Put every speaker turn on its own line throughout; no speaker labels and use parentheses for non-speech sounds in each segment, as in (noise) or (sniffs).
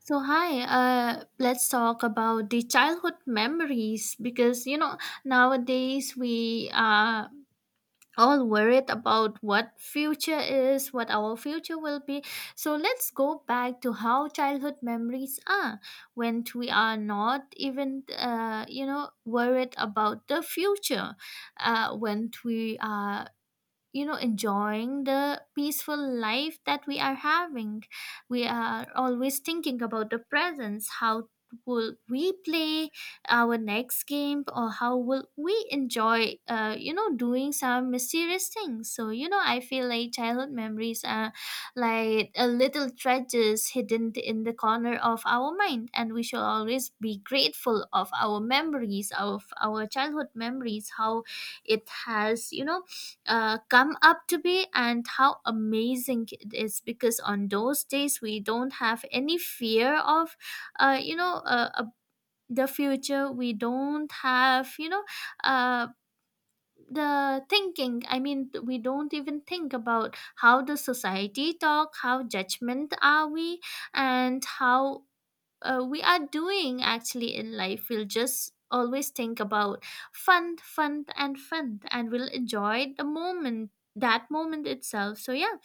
So hi, let's talk about the childhood memories because nowadays we are all worried about what future is, what our future will be. So let's go back to how childhood memories are when we are not even worried about the future, when we are enjoying the peaceful life that we are having. We are always thinking about the presence, how will we play our next game, or how will we enjoy doing some mysterious things? So I feel like childhood memories are like a little treasures hidden in the corner of our mind, and we should always be grateful of our memories, of our childhood memories, how it has come up to be and how amazing it is, because on those days we don't have any fear of uh, you know uh, uh, the future. We don't have uh, the thinking. I mean, we don't even think about how the society talk, how judgment are we, and how we are doing actually in life. We'll just always think about fun, fun, and fun, and we'll enjoy the moment, that moment itself. So yeah,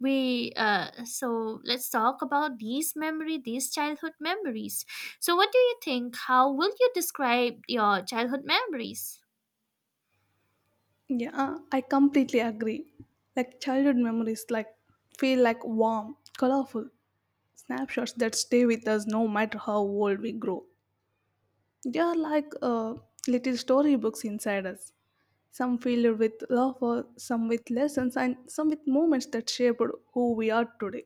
we so let's talk about these childhood memories. So what do you think, how will you describe your childhood memories?
Yeah, I completely agree. Childhood memories feel like warm, colorful snapshots that stay with us no matter how old we grow. They are like little storybooks inside us. Some filled with laughter, some with lessons, and some with moments that shaped who we are today.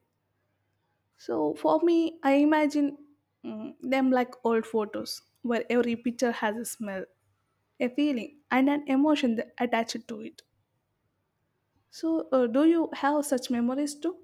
So for me, I imagine them like old photos, where every picture has a smell, a feeling, and an emotion that attached to it. So, do you have such memories too?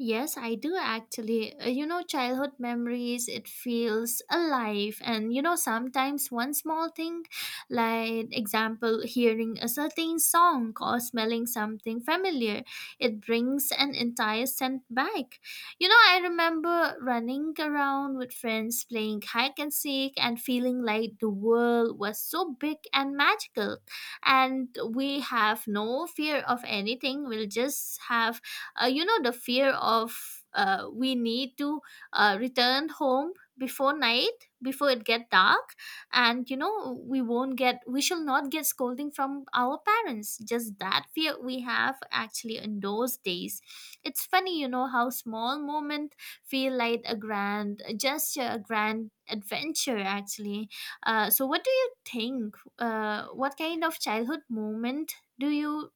Yes, I do actually. Childhood memories, it feels alive. And, sometimes one small thing, like example, hearing a certain song or smelling something familiar, it brings an entire scent back. I remember running around with friends playing hide and seek and feeling like the world was so big and magical. And we have no fear of anything. We'll just have the fear of, we need to return home before night, before it get dark. And we shall not get scolding from our parents, just that fear we have actually in those days. It's funny, how small moment feel like a grand gesture, a grand adventure actually. So what do you think, what kind of childhood moment do you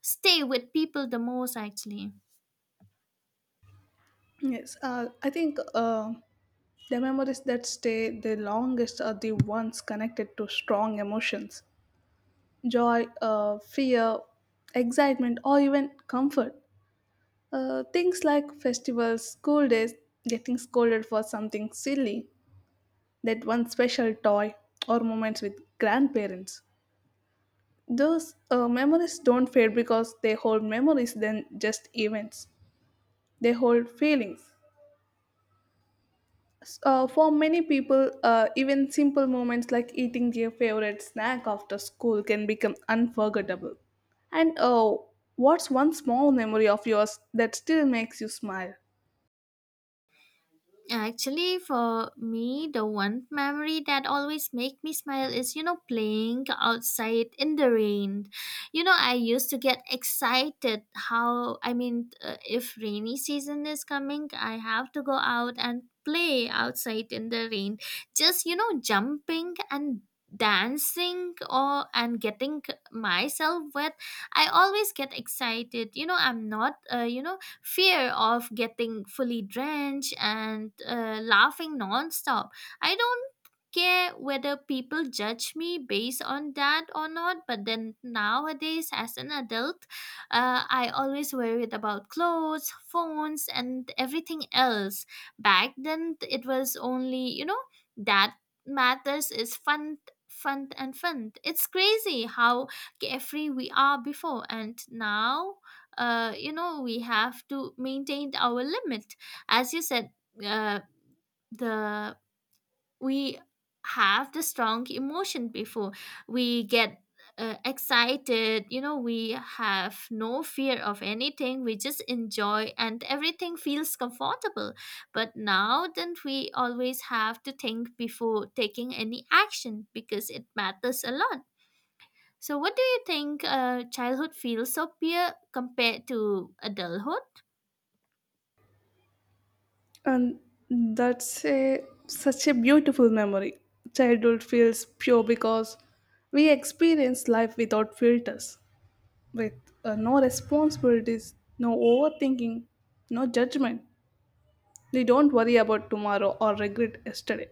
stay with people the most actually?
Yes, I think the memories that stay the longest are the ones connected to strong emotions, joy, fear, excitement, or even comfort. Things like festivals, school days, getting scolded for something silly, that one special toy, or moments with grandparents. Those memories don't fade because they hold memories than just events. They hold feelings. For many people, even simple moments like eating their favorite snack after school can become unforgettable. And what's one small memory of yours that still makes you smile?
Actually, for me, the one memory that always make me smile is, playing outside in the rain. I used to get excited how, I mean, if rainy season is coming, I have to go out and play outside in the rain. Just, jumping and dancing, or and getting myself wet. I always get excited, I'm not, fear of getting fully drenched, and laughing nonstop. I don't care whether people judge me based on that or not, but then nowadays as an adult, I always worried about clothes, phones, and everything else. Back then, it was only, that matters is fun, fun, and fun. It's crazy how carefree we are before and now. We have to maintain our limit, as you said. Uh, the We have the strong emotion before we get excited. We have no fear of anything, we just enjoy and everything feels comfortable. But now then we always have to think before taking any action, because it matters a lot. So what do you think, childhood feels so pure compared to adulthood?
And that's such a beautiful memory. Childhood feels pure because we experience life without filters, with no responsibilities, no overthinking, no judgment. We don't worry about tomorrow or regret yesterday.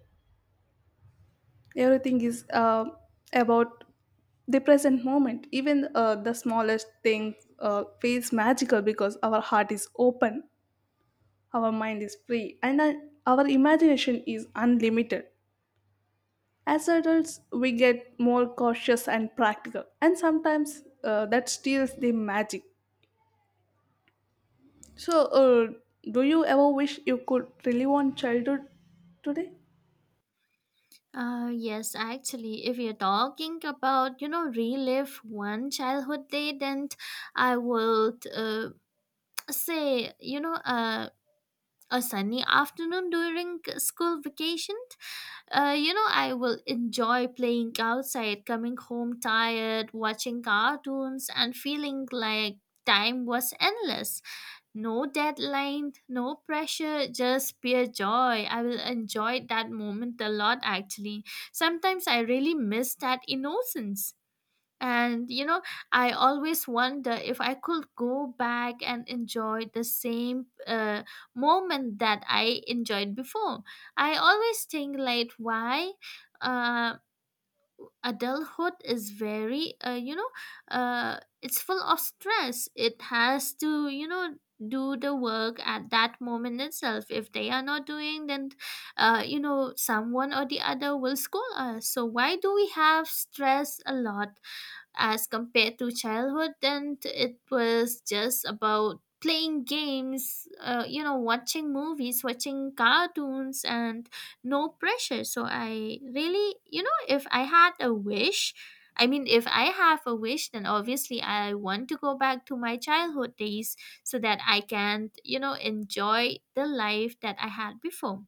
Everything is about the present moment, even the smallest thing feels magical because our heart is open, our mind is free, and our imagination is unlimited. As adults we get more cautious and practical, and sometimes that steals the magic. So do you ever wish you could relive on childhood today?
Yes, actually, if you're talking about, relive one childhood day, then I would, say, a sunny afternoon during school vacation. I will enjoy playing outside, coming home tired, watching cartoons, and feeling like time was endless. No deadline, no pressure, just pure joy. I will enjoy that moment a lot actually. Sometimes I really miss that innocence. And I always wonder if I could go back and enjoy the same moment that I enjoyed before. I always think like, why uh adulthood is very, it's full of stress. It has to, do the work at that moment itself. If they are not doing, then someone or the other will scold us. So why do we have stress a lot as compared to childhood? Then it was just about playing games, watching movies, watching cartoons, and no pressure. So I really, if I had a wish, I mean, if I have a wish, then obviously I want to go back to my childhood days, so that I can, enjoy the life that I had before.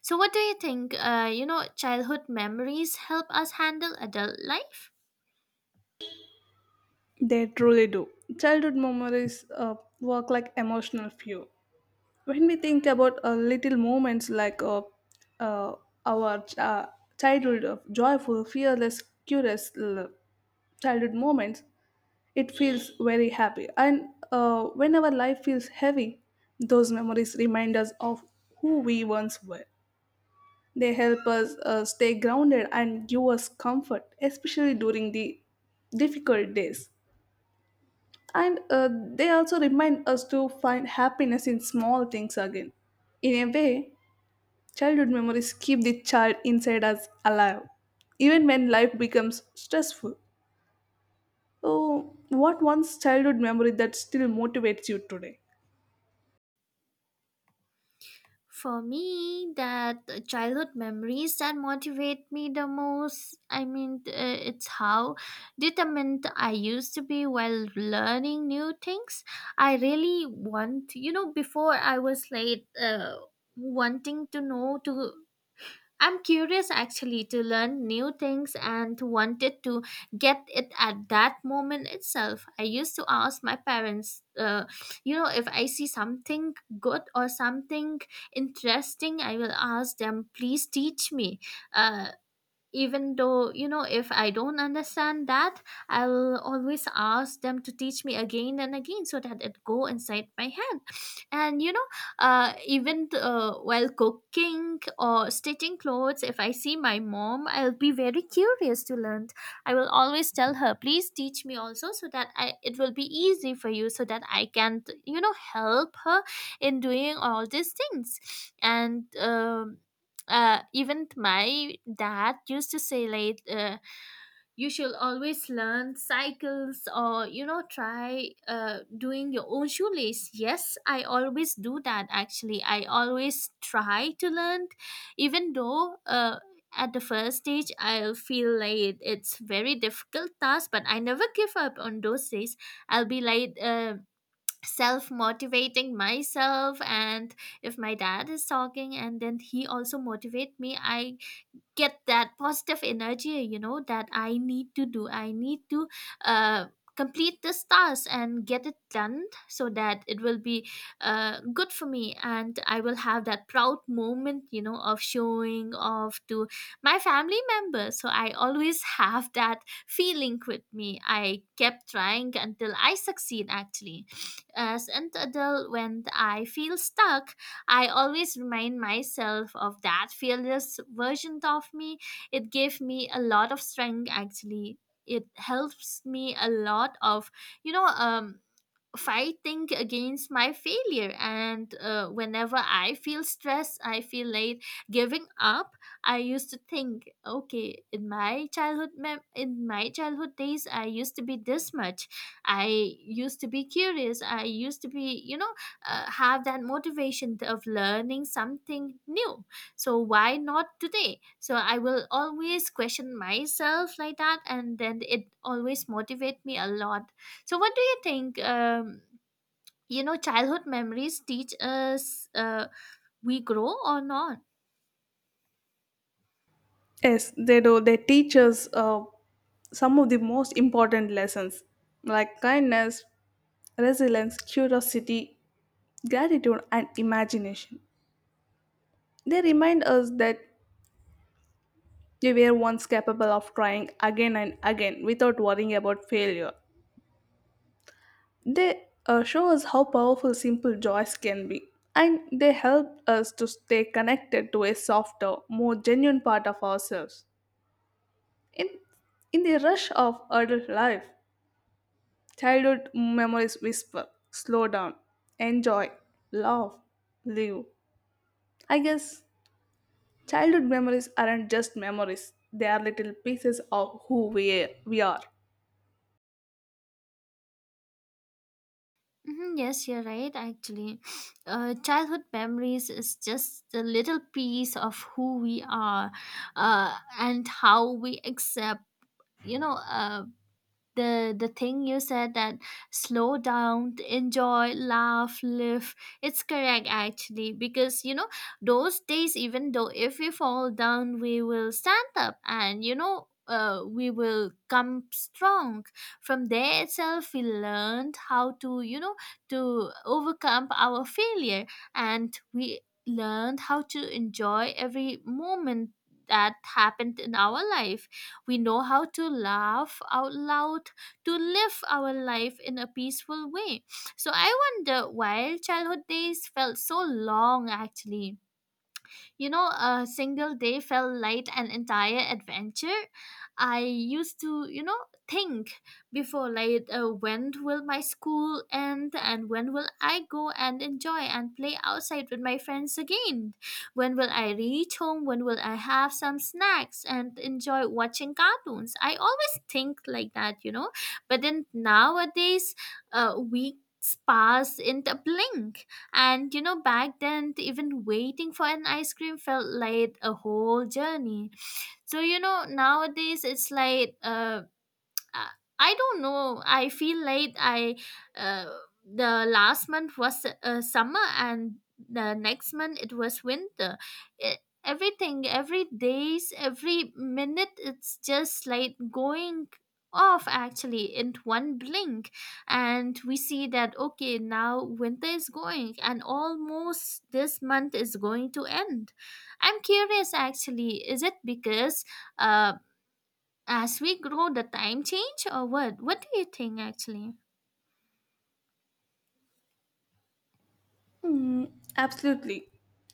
So what do you think, childhood memories help us handle adult life?
They truly do. Childhood memories work like emotional fuel. When we think about little moments, like uh, our ch- uh, childhood of joyful, fearless, curious, childhood moments, it feels very happy. And when our life feels heavy, those memories remind us of who we once were. They help us stay grounded and give us comfort, especially during the difficult days. And they also remind us to find happiness in small things again. In a way, childhood memories keep the child inside us alive, even when life becomes stressful. Oh, what one's childhood memory that still motivates you today?
For me, that childhood memories that motivate me the most, I mean, it's how determined I used to be while learning new things. I really want, before I was like, wanting to know to, I'm curious actually to learn new things and wanted to get it at that moment itself. I used to ask my parents, if I see something good or something interesting, I will ask them, please teach me. Uh, Even though, if I don't understand that, I will always ask them to teach me again and again, so that it go inside my hand. And even, while cooking or stitching clothes, if I see my mom, I'll be very curious to learn. I will always tell her, please teach me also, so that it will be easy for you, so that I can, help her in doing all these things. And even my dad used to say like, you should always learn cycles, or try doing your own shoelace. Yes, I always do that actually. I always try to learn, even though, at the first stage I'll feel like it's very difficult task, but I never give up. On those days I'll be like, self motivating myself. And if my dad is talking and then he also motivate me, I get that positive energy, that I need to do, I need to uh, complete this task and get it done, so that it will be good for me, and I will have that proud moment, of showing off to my family members. So I always (laughs) have that feeling with me. I kept trying until I succeed actually. As an adult, when I feel stuck, I always remind myself of that fearless version of me. It gave me a lot of strength actually. It helps me a lot of, you know, um, fighting against my failure. And whenever I feel stressed, I feel like giving up. I used to think, okay, in my childhood days I used to be this much. I used to be curious, I used to be, have that motivation of learning something new. So why not today? So I will always question myself like that, and then it always motivate me a lot. So, what do you think? Childhood memories teach us, we grow or not.
Yes, they do. They teach us some of the most important lessons, like kindness, resilience, curiosity, gratitude, and imagination. They remind us that we were once capable of trying again and again without worrying about failure. They show us how powerful simple joys can be, and they help us to stay connected to a softer, more genuine part of ourselves. In, in the rush of adult life, childhood memories whisper, slow down, enjoy, love, live. I guess childhood memories aren't just memories, they are little pieces of we are.
Hmm, yes, you're right. Actually, childhood memories is just a little piece of who we are, and how we accept. You know, uh, the thing you said, that slow down, enjoy, laugh, live, it's correct actually. Because those days, even though if we fall down, we will stand up. And we will come strong. From there itself we learned how to, to overcome our failure. And we learned how to enjoy every moment that happened in our life. We know how to laugh out loud, to live our life in a peaceful way. So I wonder why childhood days felt so long actually. A single day felt like an entire adventure. I used to, think before, like, when will my school end and when will I go and enjoy and play outside with my friends again? When will I reach home? When will I have some snacks and enjoy watching cartoons? I always think like that. But then nowadays, weeks pass in the blink. And back then, even waiting for an ice cream felt like a whole journey. So, nowadays it's like, uh, I don't know. I feel like I uh, the last month was summer and the next month it was winter. Everything, every days, every minute, it's just like going off actually in one blink, and we see that okay, now winter is going and almost this month is going to end. I'm curious, actually, is it because uh as we grow the time change, or what do you think, actually?
Mm, absolutely.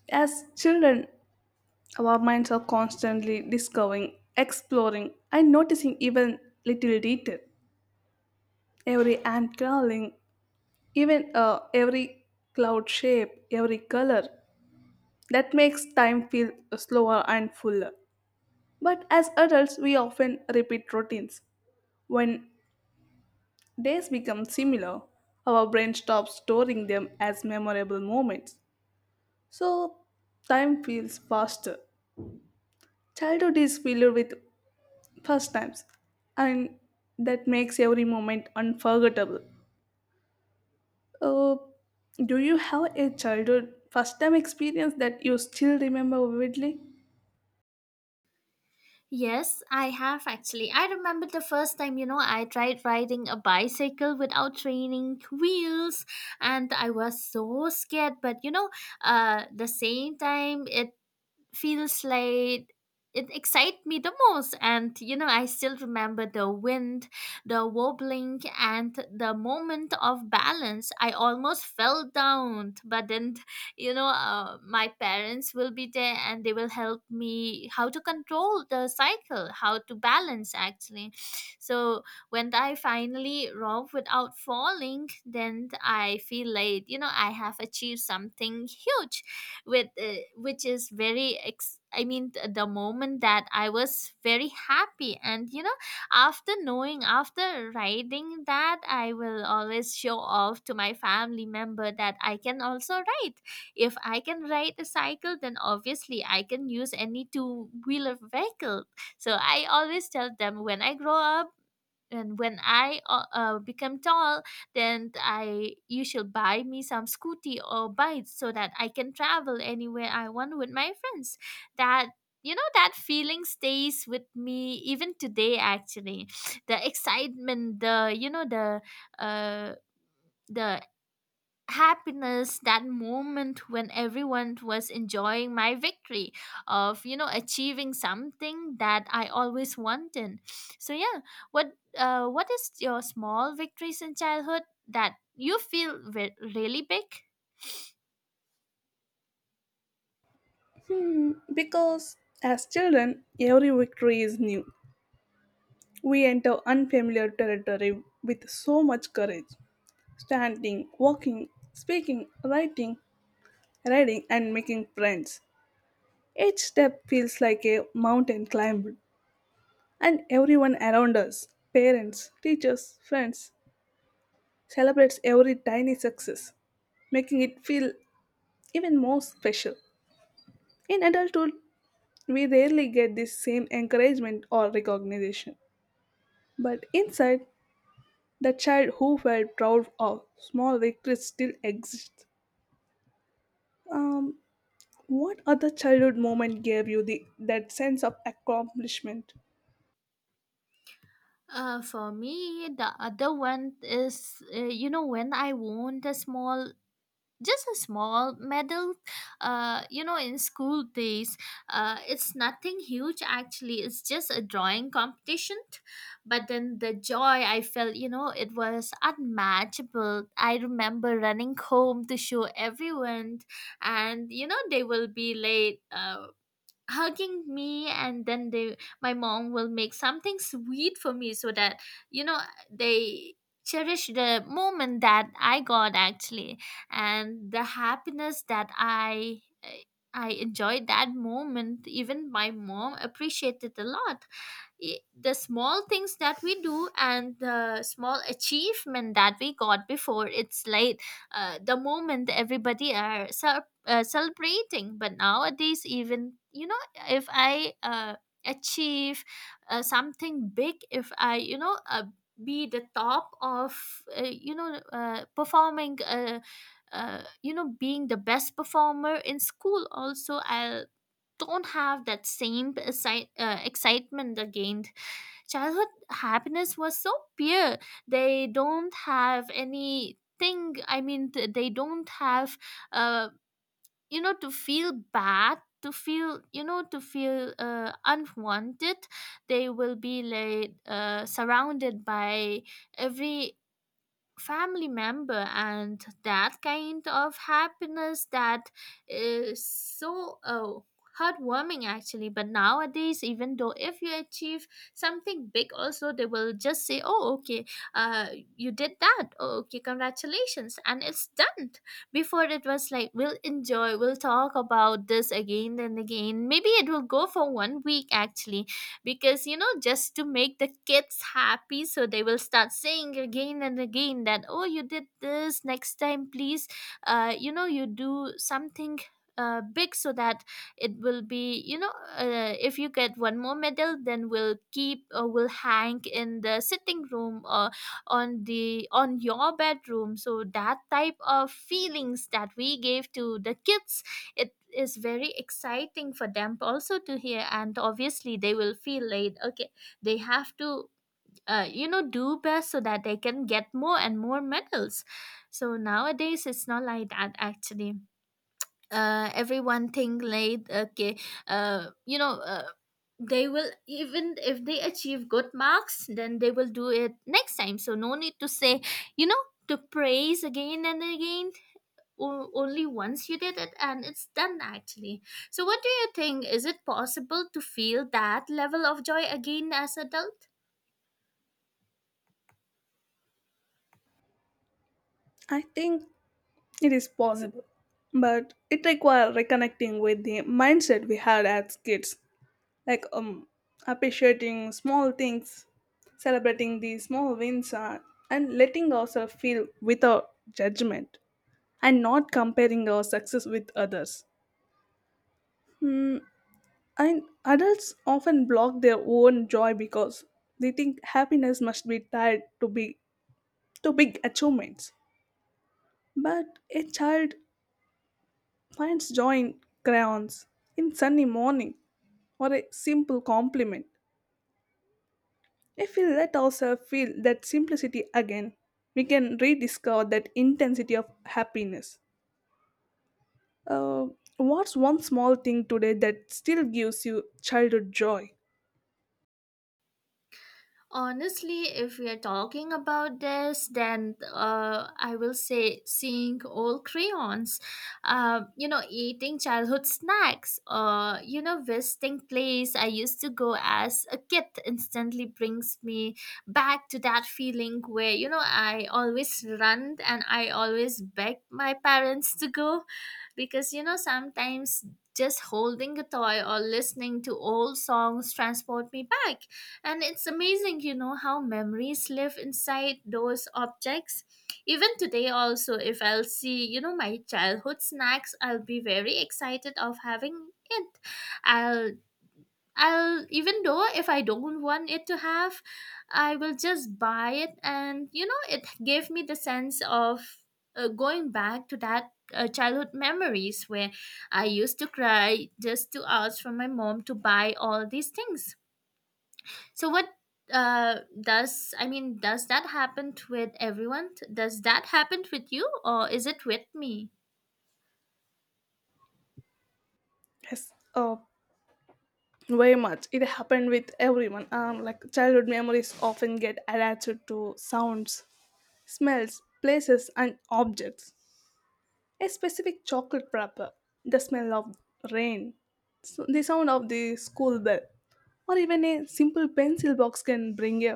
As children, our minds are constantly discovering, exploring, and noticing even little detail. Every ant crawling, even every cloud shape, every color. That makes time feel slower and fuller. But as adults, we often repeat routines. When days become similar, our brain stops storing them as memorable moments. So time feels faster. Childhood is filled with first times, and that makes every moment unforgettable. uh, do you have a childhood first time experience that you still remember vividly?
Yes, I have, actually. I remember the first time, you know, I tried riding a bicycle without training wheels, and I was so scared, but you know, the same time it feels like it excites me the most. And you know, I still remember the wind, the wobbling, and the moment of balance. I almost fell down, but then, you know, my parents will be there and they will help me how to control the cycle, how to balance, actually. So when I finally rope without falling, then I feel like, you know, I have achieved something huge with which is very ex- the moment that I was very happy. And you know, after riding that, I will always show off to my family member that I can also ride. If I can ride a cycle, then obviously I can use any two wheeler vehicle. So I always tell them, when I grow up and when I become tall, then I you should buy me some scooty or bike so that I can travel anywhere I want with my friends. That You know, that feeling stays with me even today. Actually, (sniffs) the excitement, the you know uh the happiness, that moment when everyone was enjoying my victory of, you know, achieving something that I always wanted. So yeah, what is your small victories in childhood that you feel really big?
Hmm, because as children, every victory is new. We enter unfamiliar territory with so much courage. Standing, walking, speaking, writing, riding, and making friends. Each step feels like a mountain climb. And everyone around us, parents, teachers, friends, celebrates every tiny success, making it feel even more special. In adulthood, we rarely get this same encouragement or recognition. But inside, the child who felt proud of small victories still exists. Um, what other childhood moment gave you that sense of accomplishment?
For me, the other one is, you know, when I won the small, just a small medal. You know, in school days, it's nothing huge, actually. It's just a drawing competition, but then the joy I felt, you know, it was unmatchable. I remember running home to show everyone, and you know, they will be late, hugging me, and then they my mom will make something sweet for me, so that, you know, they cherish the moment that I got, actually. And the happiness that I enjoyed that moment. Even my mom appreciated a lot. The small things that we do and the small achievement that we got before, it's late, the moment everybody are celebrating. But nowadays, even you know, if I achieve something big, if I, you know, be the top of, you know, performing. You know, being the best performer in school also, I don't have that same excitement again. Childhood happiness was so pure. They don't have anything, I mean they don't have, uh, you know, to feel bad, to feel, you know, to feel unwanted. They will be like, surrounded by every family member, and that kind of happiness that is so heartwarming, actually. But nowadays, even though if you achieve something big also, they will just say, oh, okay, uh you did that, oh, okay, congratulations, and it's done. Before, it was like, we'll enjoy, we'll talk about this again and again, maybe it will go for one week, actually, because you know, just to make the kids happy, so they will start saying again and again that, oh, you did this, next time please, you know, you do something big, so that it will be, you know, if you get one more medal, then we'll keep or we'll hang in the sitting room or on your bedroom. So that type of feelings that we gave to the kids, it is very exciting for them also to hear, and obviously they will feel like, okay, they have to, you know, do best so that they can get more and more medals. So nowadays, it's not like that, actually. Everyone think like, okay, you know, they will, even if they achieve good marks, then they will do it next time, so no need to say, you know, to praise again and again. Only once you did it and it's done, actually. So what do you think? Is it possible to feel that level of joy again as adults?
I think it is possible, but it requires reconnecting with the mindset we had as kids, like appreciating small things, celebrating the small wins, and letting ourselves feel without judgment, and not comparing our success with others. And adults often block their own joy because they think happiness must be tied to big achievements. But a child finds joy in crayons, in sunny morning, or a simple compliment. If we let ourselves feel that simplicity again, we can rediscover that intensity of happiness. Uh, what's one small thing today that still gives you childhood joy?
Honestly, if we are talking about this, then I will say, seeing old crayons, you know, eating childhood snacks, or you know, visiting place I used to go as a kid instantly brings me back to that feeling where, you know, I always run and I always beg my parents to go, because you know, sometimes just holding a toy or listening to old songs transport me back, and it's amazing, you know, how memories live inside those objects. Even today, also, if I'll see, you know, my childhood snacks, I'll be very excited of having it. I'll, I'll, even though if I don't want it to have, I will just buy it. And, you know, it gave me the sense of going back to that. Childhood memories where I used to cry just to ask from my mom to buy all these things. So what does, I mean, does that happen with everyone? Does that happen with you, or is it with me?
Yes, very much. It happened with everyone. Like childhood memories often get attached to sounds, smells, places, and objects, a specific chocolate wrapper, the smell of rain, the sound of the school bell, or even a simple pencil box can bring a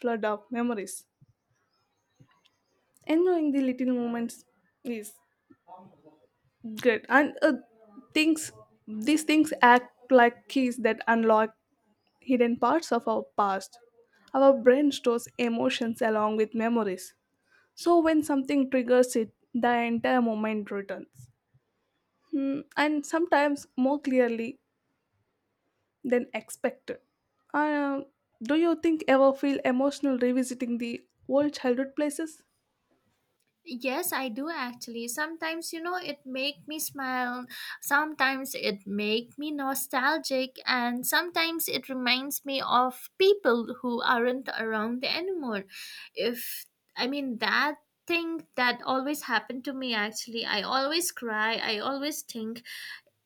flood of memories. Enjoying the little moments is great, and things these things act like keys that unlock hidden parts of our past. Our brain stores emotions along with memories, so when something triggers it, the entire moment returns. Hmm, and sometimes more clearly than expected. Uh, do you think ever feel emotional revisiting the old childhood places?
Yes, I do, actually. Sometimes, you know, it make me smile, sometimes it make me nostalgic, and sometimes it reminds me of people who aren't around anymore. If I mean, that thing that always happened to me, actually. I always cry, I always think,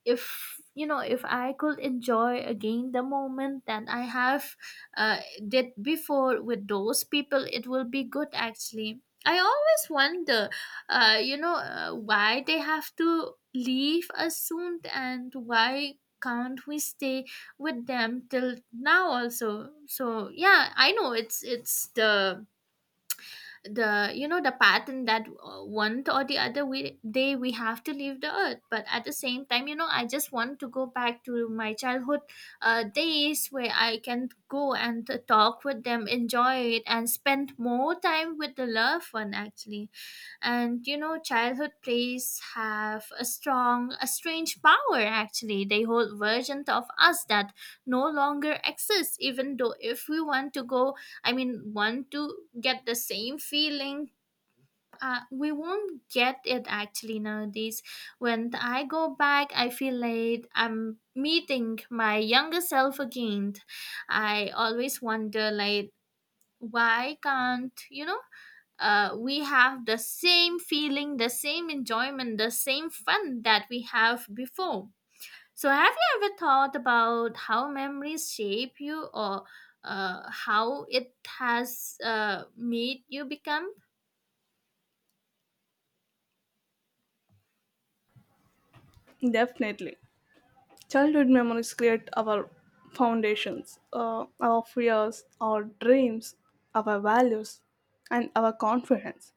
if you know, if I could enjoy again the moment that I have uh, did before with those people, it will be good, actually. I always wonder, you know, why they have to leave us soon, and why can't we stay with them till now also. So yeah, I know, it's the, you know, the pattern that, one or the other day we have to leave the earth. But at the same time, you know, I just want to go back to my childhood days, where I can go and talk with them, enjoy it, and spend more time with the loved one, actually. And you know, childhood plays have a strange power, actually. They hold versions of us that no longer exist, even though if we want to go I mean, want to get the same feeling. We won't get it, actually, nowadays. When I go back, I feel like I'm meeting my younger self again. I always wonder, like, why can't, you know, we have the same feeling, the same enjoyment, the same fun that we have before. So, have you ever thought about how memories shape you, or how it has made you become?
Definitely. Childhood memories create our foundations, our fears, our dreams, our values, and our confidence.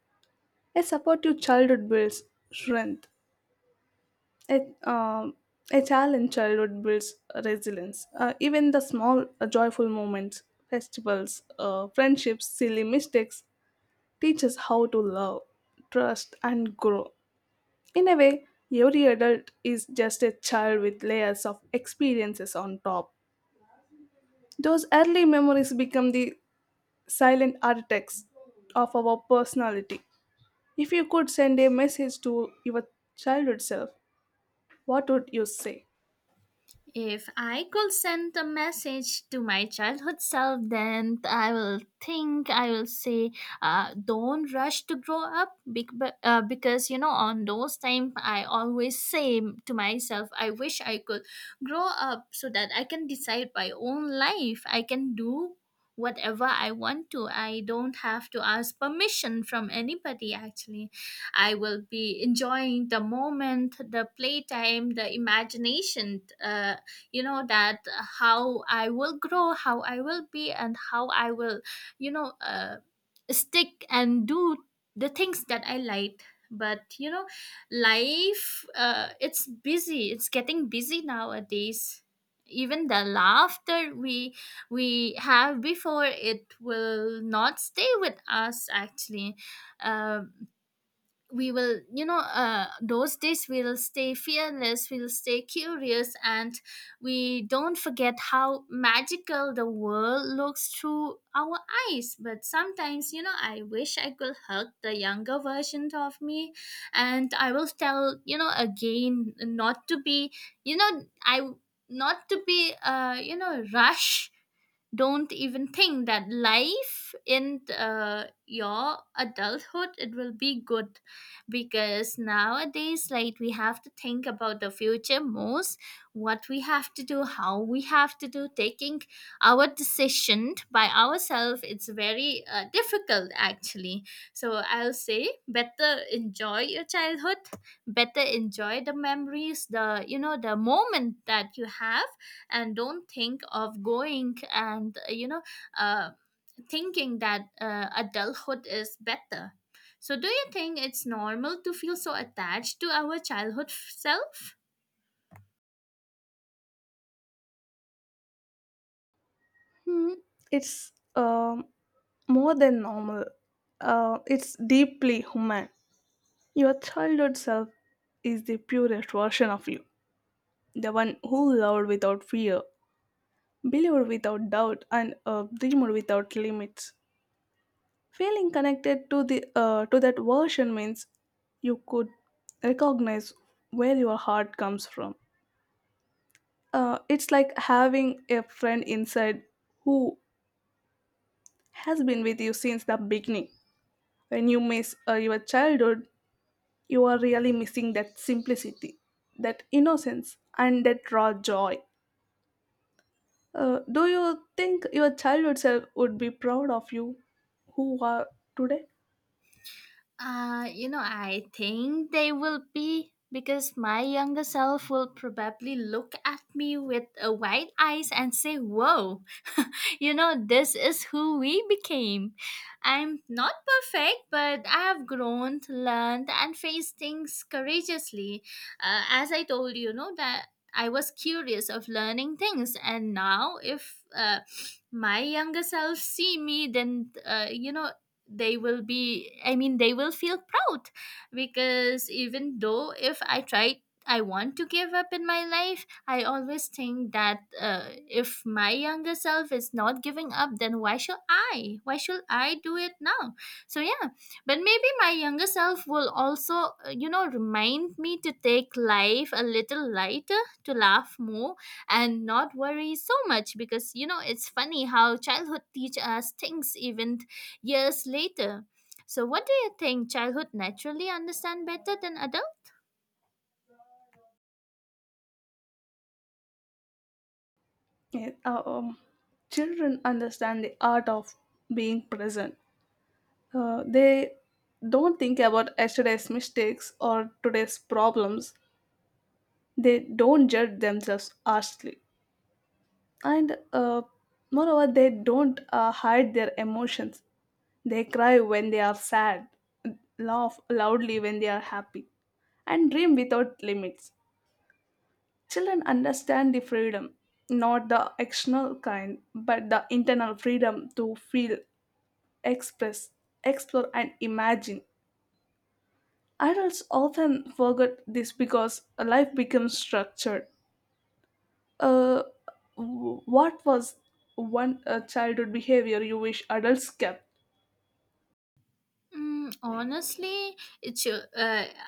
A supportive childhood builds strength. A, um, a challenged childhood builds resilience. Even the small, joyful moments, festivals, friendships, silly mistakes, teach us how to love, trust, and grow. In a way, every adult is just a child with layers of experiences on top. Those early memories become the silent architects of our personality. If you could send a message to your childhood self, what would you say?
If I could send a message to my childhood self, then I will say, "Don't rush to grow up," because you know, on those time, I always say to myself, "I wish I could grow up so that I can decide my own life. I can do" whatever I want to. I don't have to ask permission from anybody, actually. I will be enjoying the moment, the playtime, the imagination, you know, that how I will grow, how I will be, and how I will, you know, stick and do the things that I like. But you know, life, it's getting busy nowadays. Even the laughter we have before, it will not stay with us, actually. Um we will you know those days we'll stay fearless, we'll stay curious, and we don't forget how magical the world looks through our eyes. But sometimes, you know, I wish I could hug the younger version of me, and I will tell, you know, again, not to be, you know, I not to be, you know, rush. Don't even think that life in your adulthood, it will be good, because nowadays, like, we have to think about the future most, what we have to do, how we have to do, taking our decision by ourselves, it's very difficult, actually. So I'll say, better enjoy your childhood, better enjoy the memories, the moment that you have, and don't think of going and, you know, uh, thinking that adulthood is better. So do you think it's normal to feel so attached to our childhood self?
Hmm, it's more than normal. It's deeply human. Your childhood self is the purest version of you, the one who loved without fear, believed without doubt, and dreamed without limits. Feeling connected to the to that version means you could recognize where your heart comes from. It's like having a friend inside who has been with you since the beginning. When you miss your childhood, you are really missing that simplicity, that innocence, and that raw joy. Do you think your childhood self would be proud of you who are today?
You know, I think they will be, because my younger self will probably look at me with a wide eyes and say, "Whoa, (laughs) you know, this is who we became." I'm not perfect, but I have grown, learned, and faced things courageously. As I told you, know that I was curious of learning things, and now if, my younger self see me, then, you know, they will be I mean, they will feel proud, because even though if I try, I want to give up in my life, I always think that, if my younger self is not giving up, then why should I do it now? So yeah. But maybe my younger self will also, you know, remind me to take life a little lighter, to laugh more, and not worry so much, because you know, it's funny how childhood teach us things even years later. So what do you think childhood naturally understand better than adults?
Yeah, children understand the art of being present. They don't think about yesterday's mistakes or today's problems. They don't judge themselves harshly. And moreover, they don't hide their emotions. They cry when they are sad, laugh loudly when they are happy, and dream without limits. Children understand the freedom, not the external kind, but the internal freedom to feel, express, explore, and imagine. Adults often forget this because life becomes structured. Uh, what was one childhood behavior you wish adults kept?
Mm, honestly, it's,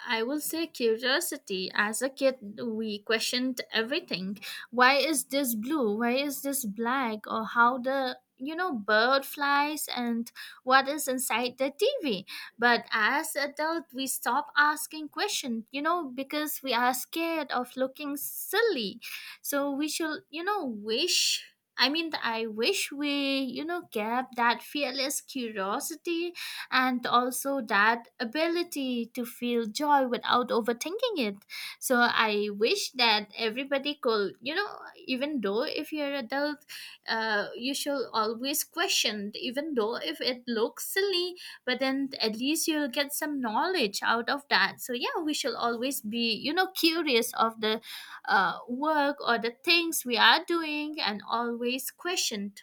I will say curiosity. As a kid, we questioned everything. Why is this blue? Why is this black? Or how the, you know, bird flies, and what is inside the TV? But as adult, we stop asking questions. You know, because we are scared of looking silly. So we should, you know, wish. I mean, I wish we, you know, kept that fearless curiosity, and also that ability to feel joy without overthinking it. So I wish that everybody could, you know, even though if you're adult, you should always question, even though if it looks silly, but then at least you'll get some knowledge out of that. So yeah, we should always be, you know, curious of the work or the things we are doing, and always questioned.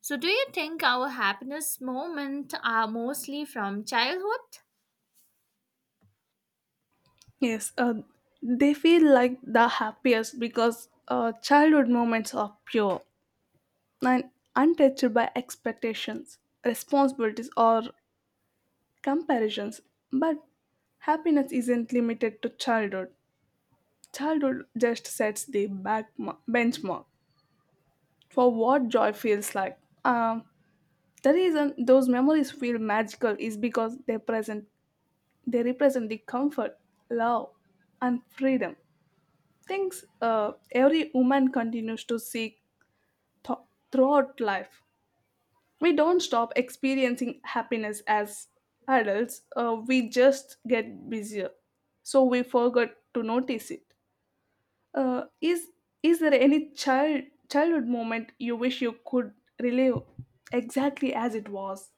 So do you think our happiness moments are mostly from childhood?
Yes, they feel like the happiest because childhood moments are pure and untouched by expectations, responsibilities, or comparisons. But happiness isn't limited to childhood. Childhood just sets the back benchmark for what joy feels like. Um, the reason those memories feel magical is because they represent the comfort, love, and freedom. Things every woman continues to seek th- throughout life. We don't stop experiencing happiness as adults, we just get busier, so we forgot to notice it. uh, is is there any childhood moment you wish you could relive exactly as it was?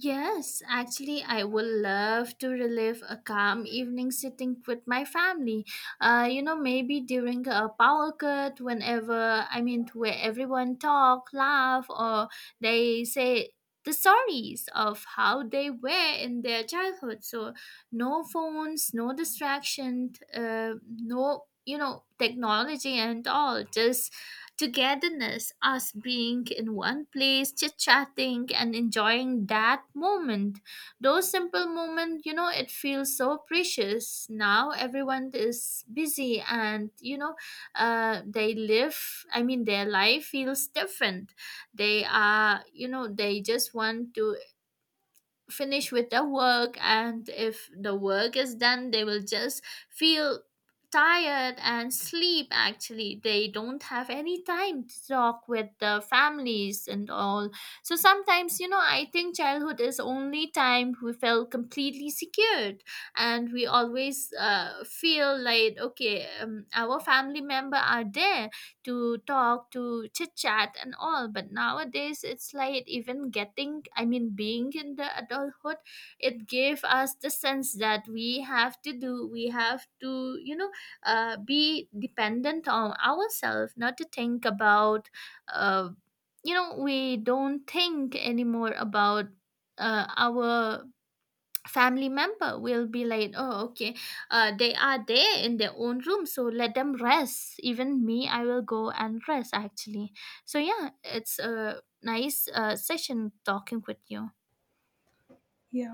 Yes, actually, I would love to relive a calm evening sitting with my family. You know, maybe during a power cut, whenever I mean, where everyone talk, laugh, or they say the stories of how they were in their childhood. So, no phones, no distraction, no, you know, technology and all. Just togetherness, us being in one place, chit chatting, and enjoying that moment. Those simple moments, you know, it feels so precious. Now everyone is busy, and, you know, I mean, their life feels different. They are, you know, they just want to finish with their work, and if the work is done, they will just feel tired and sleep, actually. They don't have any time to talk with the families and all. So sometimes, you know, I think childhood is only time we felt completely secured, and we always feel like, okay, our family member are there to talk, to chit chat, and all. But nowadays, it's like even I mean, being in the adulthood, it gave us the sense that we have to do, we have to, you know, be dependent on ourselves, not to think about, uh, you know, we don't think anymore about our family member will be like, oh, okay, they are there in their own room, so let them rest. Even me, I will go and rest, actually. So yeah, it's a nice session talking with you.
Yeah.